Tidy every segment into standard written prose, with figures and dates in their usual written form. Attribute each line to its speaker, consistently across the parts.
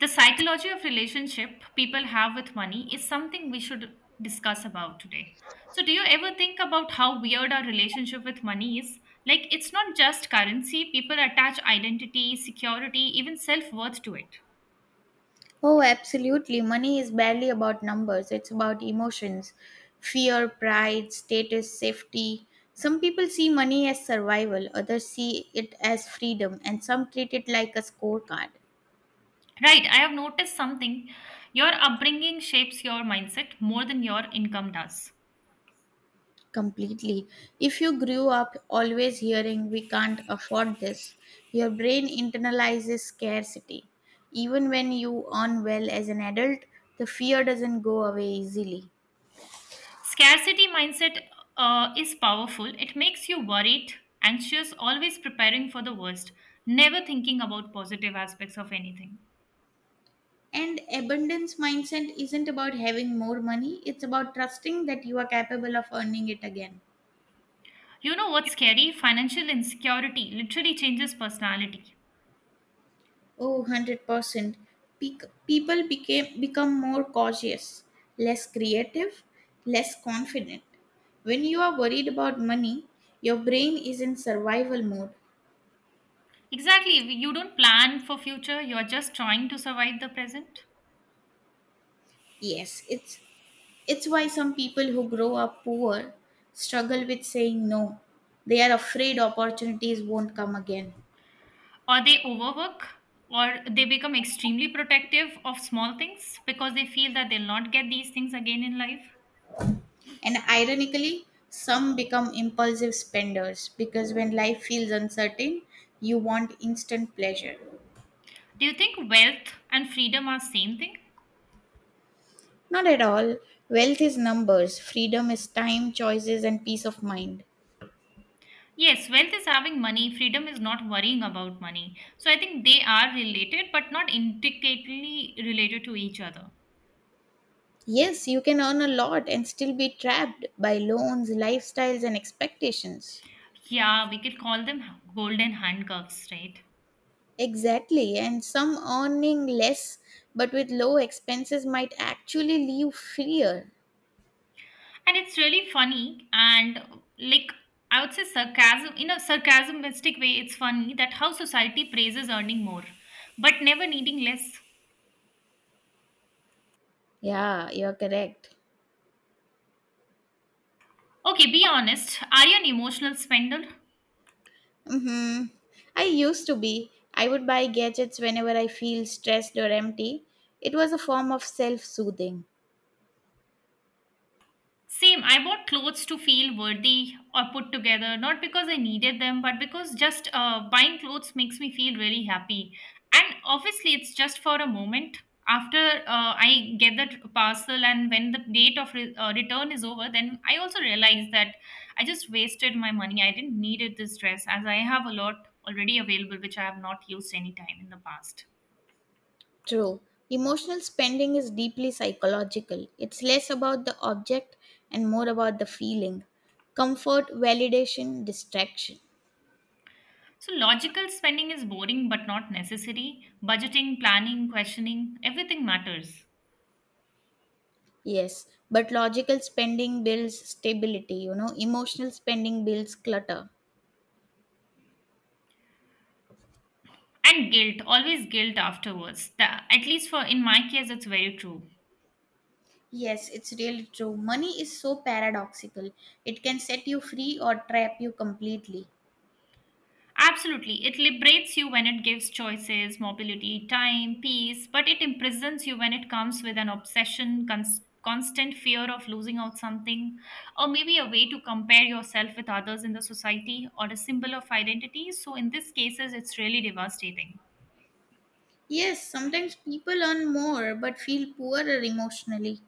Speaker 1: The psychology of relationship people have with money is something we should discuss about today. So, do you ever think about how weird our relationship with money is? Like, it's not just currency, people attach identity, security, even self worth to it.
Speaker 2: Oh, absolutely. Money is barely about numbers, it's about emotions fear, pride, status, safety. Some people see money as survival, others see it as freedom, and some treat it like a scorecard
Speaker 1: Right, I have noticed something. Your upbringing shapes your mindset more than your income does.
Speaker 2: completely. If you grew up always hearing, we can't afford this, your brain internalizes scarcity. Even when you earn well as an adult, the fear doesn't go away easily.
Speaker 1: Scarcity mindset is powerful, it makes you worried, anxious, always preparing for the worst, never thinking about positive aspects of anything.
Speaker 2: And abundance mindset isn't about having more money, it's about trusting that you are capable of earning it again.
Speaker 1: You know what's scary? Financial insecurity literally changes personality.
Speaker 2: Oh, 100%. People become more cautious, less creative, less confident. When you are worried about money, your brain is in survival mode.
Speaker 1: Exactly. You don't plan for future, you're just trying to survive the present.
Speaker 2: Yes, it's why some people who grow up poor struggle with saying no. They are afraid opportunities won't come again.
Speaker 1: Or they overwork or they become extremely protective of small things because they feel that they'll not get these things again in life.
Speaker 2: And ironically, some become impulsive spenders because when life feels uncertain, you want instant pleasure.
Speaker 1: Do you think wealth and freedom are same thing?
Speaker 2: Not at all. Wealth is numbers, freedom is time, choices, and peace of mind.
Speaker 1: Yes, wealth is having money, freedom is not worrying about money. So I think they are related but not intricately related to each other.
Speaker 2: Yes, you can earn a lot and still be trapped by loans, lifestyles, and expectations.
Speaker 1: Yeah, we could call them golden handcuffs, right?
Speaker 2: Exactly, and some earning less but with low expenses might actually leave freer.
Speaker 1: And it's really funny and like I would say sarcasm in a sarcasmistic way, it's funny that how society praises earning more but never needing less.
Speaker 2: Yeah, you're correct.
Speaker 1: Okay, be honest. Are you an emotional spender?
Speaker 2: Mm-hmm. I used to be. I would buy gadgets whenever I feel stressed or empty. It was a form of self soothing.
Speaker 1: Same, I bought clothes to feel worthy or put together, not because I needed them, but because just buying clothes makes me feel really happy. And obviously, it's just for a moment. After I get that parcel, and when the date of return is over, then I also realize that I just wasted my money. I didn't needed this dress as I have a lot already available, which I have not used any time in the past.
Speaker 2: True. Emotional spending is deeply psychological. It's less about the object and more about the feeling. Comfort, validation, distraction.
Speaker 1: So, logical spending is boring but not necessary. Budgeting, planning, questioning, everything matters.
Speaker 2: Yes, but logical spending builds stability, you know, emotional spending builds clutter.
Speaker 1: And guilt, always guilt afterwards, the, at least for in my case it's very true.
Speaker 2: Yes, it's really true. Money is so paradoxical. It can set you free or trap you completely.
Speaker 1: Absolutely, it liberates you when it gives choices, mobility, time, peace, but it imprisons you when it comes with an obsession, constant fear of losing out something or maybe a way to compare yourself with others in the society or a symbol of identity, so in these cases it's really devastating.
Speaker 2: Yes, sometimes people earn more but feel poorer emotionally.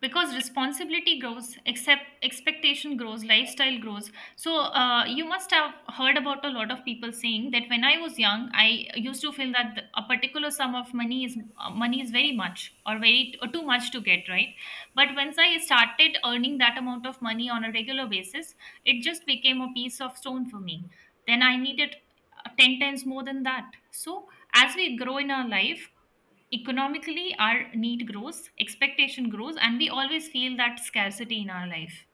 Speaker 1: Because responsibility grows, except expectation grows, lifestyle grows, so you must have heard about a lot of people saying that when I was young, I used to feel that a particular sum of money is, money is very much or very or too much to get right, but once I started earning that amount of money on a regular basis, it just became a piece of stone for me. Then I needed 10 times more than that. So, as we grow in our life, economically, our need grows, expectation grows, and we always feel that scarcity in our life.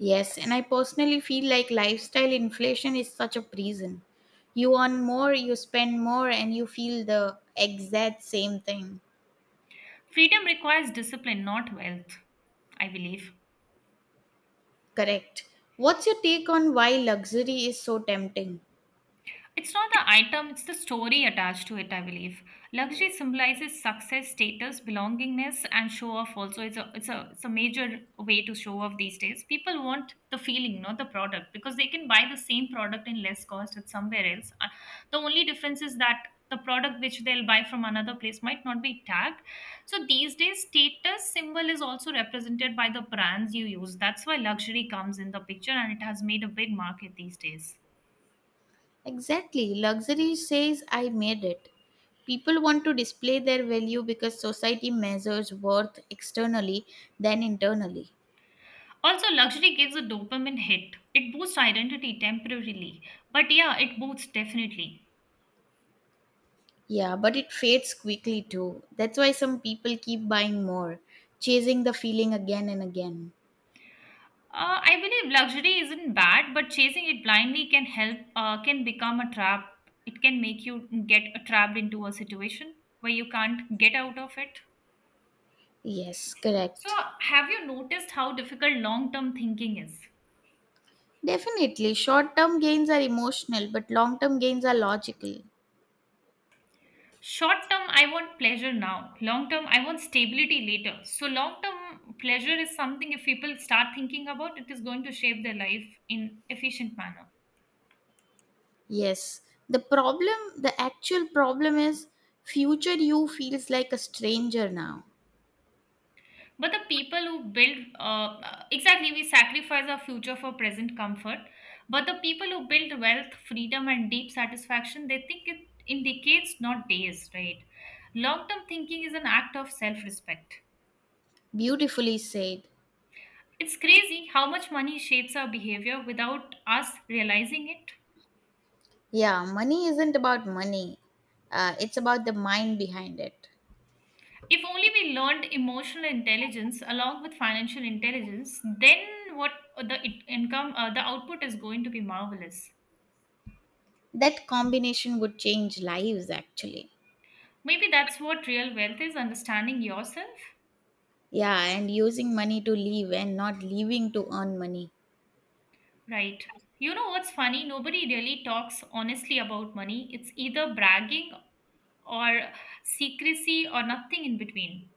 Speaker 2: Yes, and I personally feel like lifestyle inflation is such a prison. You earn more, you spend more, and you feel the exact same thing.
Speaker 1: Freedom requires discipline, not wealth, I believe.
Speaker 2: Correct. What's your take on why luxury is so tempting?
Speaker 1: It's not the item, it's the story attached to it, I believe. Luxury symbolizes success, status, belongingness, and show off also. It's a major way to show off these days. People want the feeling, not the product, because they can buy the same product in less cost at somewhere else. The only difference is that the product which they'll buy from another place might not be tagged. So these days, status symbol is also represented by the brands you use. That's why luxury comes in the picture and it has made a big market these days.
Speaker 2: Exactly. Luxury says, I made it. People want to display their value because society measures worth externally than internally.
Speaker 1: Also, luxury gives a dopamine hit. It boosts identity temporarily, but yeah, it boosts definitely.
Speaker 2: Yeah, but it fades quickly too. That's why some people keep buying more, chasing the feeling again and again.
Speaker 1: I believe luxury isn't bad, but chasing it blindly can help, can become a trap. It can make you get trapped into a situation where you can't get out of it.
Speaker 2: Yes,
Speaker 1: So,
Speaker 2: correct.
Speaker 1: have you noticed how difficult long term thinking is?
Speaker 2: Definitely, short term gains are emotional, but long term gains are logical.
Speaker 1: Short term, I want pleasure now. Long term, I want stability later. So, long term pleasure is something if people start thinking about, it is going to shape their life in efficient manner.
Speaker 2: Yes, the problem, the actual problem is future you feels like a stranger now.
Speaker 1: But the people who build, Exactly, we sacrifice our future for present comfort. But the people who build wealth, freedom, and deep satisfaction, they think it in decades, not days, right? Long term thinking is an act of self respect.
Speaker 2: Beautifully said.
Speaker 1: It's crazy how much money shapes our behavior without us realizing it.
Speaker 2: Yeah, money isn't about money, it's about the mind behind it.
Speaker 1: If only we learned emotional intelligence along with financial intelligence, then what the it- income, the output is going to be marvelous.
Speaker 2: That combination would change lives actually.
Speaker 1: Maybe that's what real wealth is, understanding yourself,
Speaker 2: Yeah, and using money to leave and not leaving to earn money.
Speaker 1: right? You know what's funny? Nobody really talks honestly about money. It's either bragging or secrecy or nothing in between.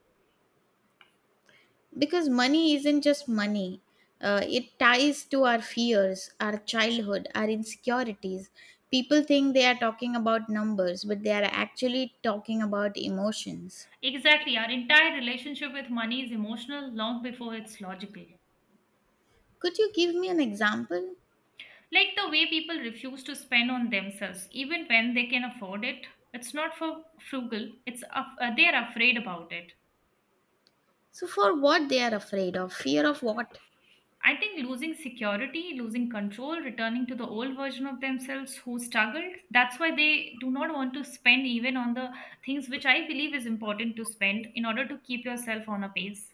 Speaker 2: Because money isn't just money, it ties to our fears, our childhood, our insecurities. People think they are talking about numbers, but they are actually talking about emotions.
Speaker 1: Exactly. Our entire relationship with money is emotional long before it's logical.
Speaker 2: Could you give me an example?
Speaker 1: Like the way people refuse to spend on themselves, even when they can afford it. It's not for frugal, they are afraid about it.
Speaker 2: So, for what they are afraid of? Fear of what?
Speaker 1: I think losing security, losing control, returning to the old version of themselves who struggled, that's why they do not want to spend even on the things which I believe is important to spend in order to keep yourself on a pace.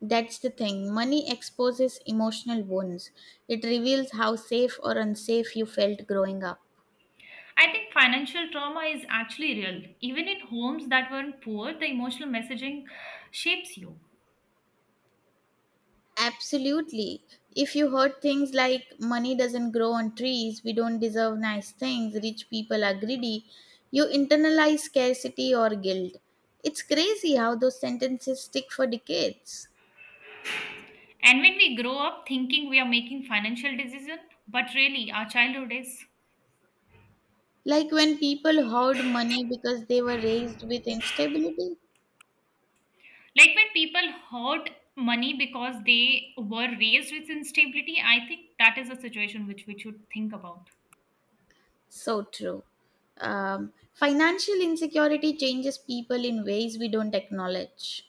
Speaker 2: That's the thing. Money exposes emotional wounds. It reveals how safe or unsafe you felt growing up.
Speaker 1: I think financial trauma is actually real. Even in homes that weren't poor, the emotional messaging shapes you.
Speaker 2: Absolutely. If you heard things like money doesn't grow on trees, we don't deserve nice things, rich people are greedy, you internalize scarcity or guilt. It's crazy how those sentences stick for decades.
Speaker 1: And when we grow up thinking we are making financial decision, but really our childhood is
Speaker 2: Like when people hoard money because they were raised with instability.
Speaker 1: like when people hoard money because they were raised with instability. I think that is a situation which we should think about.
Speaker 2: So true. Financial insecurity changes people in ways we don't acknowledge.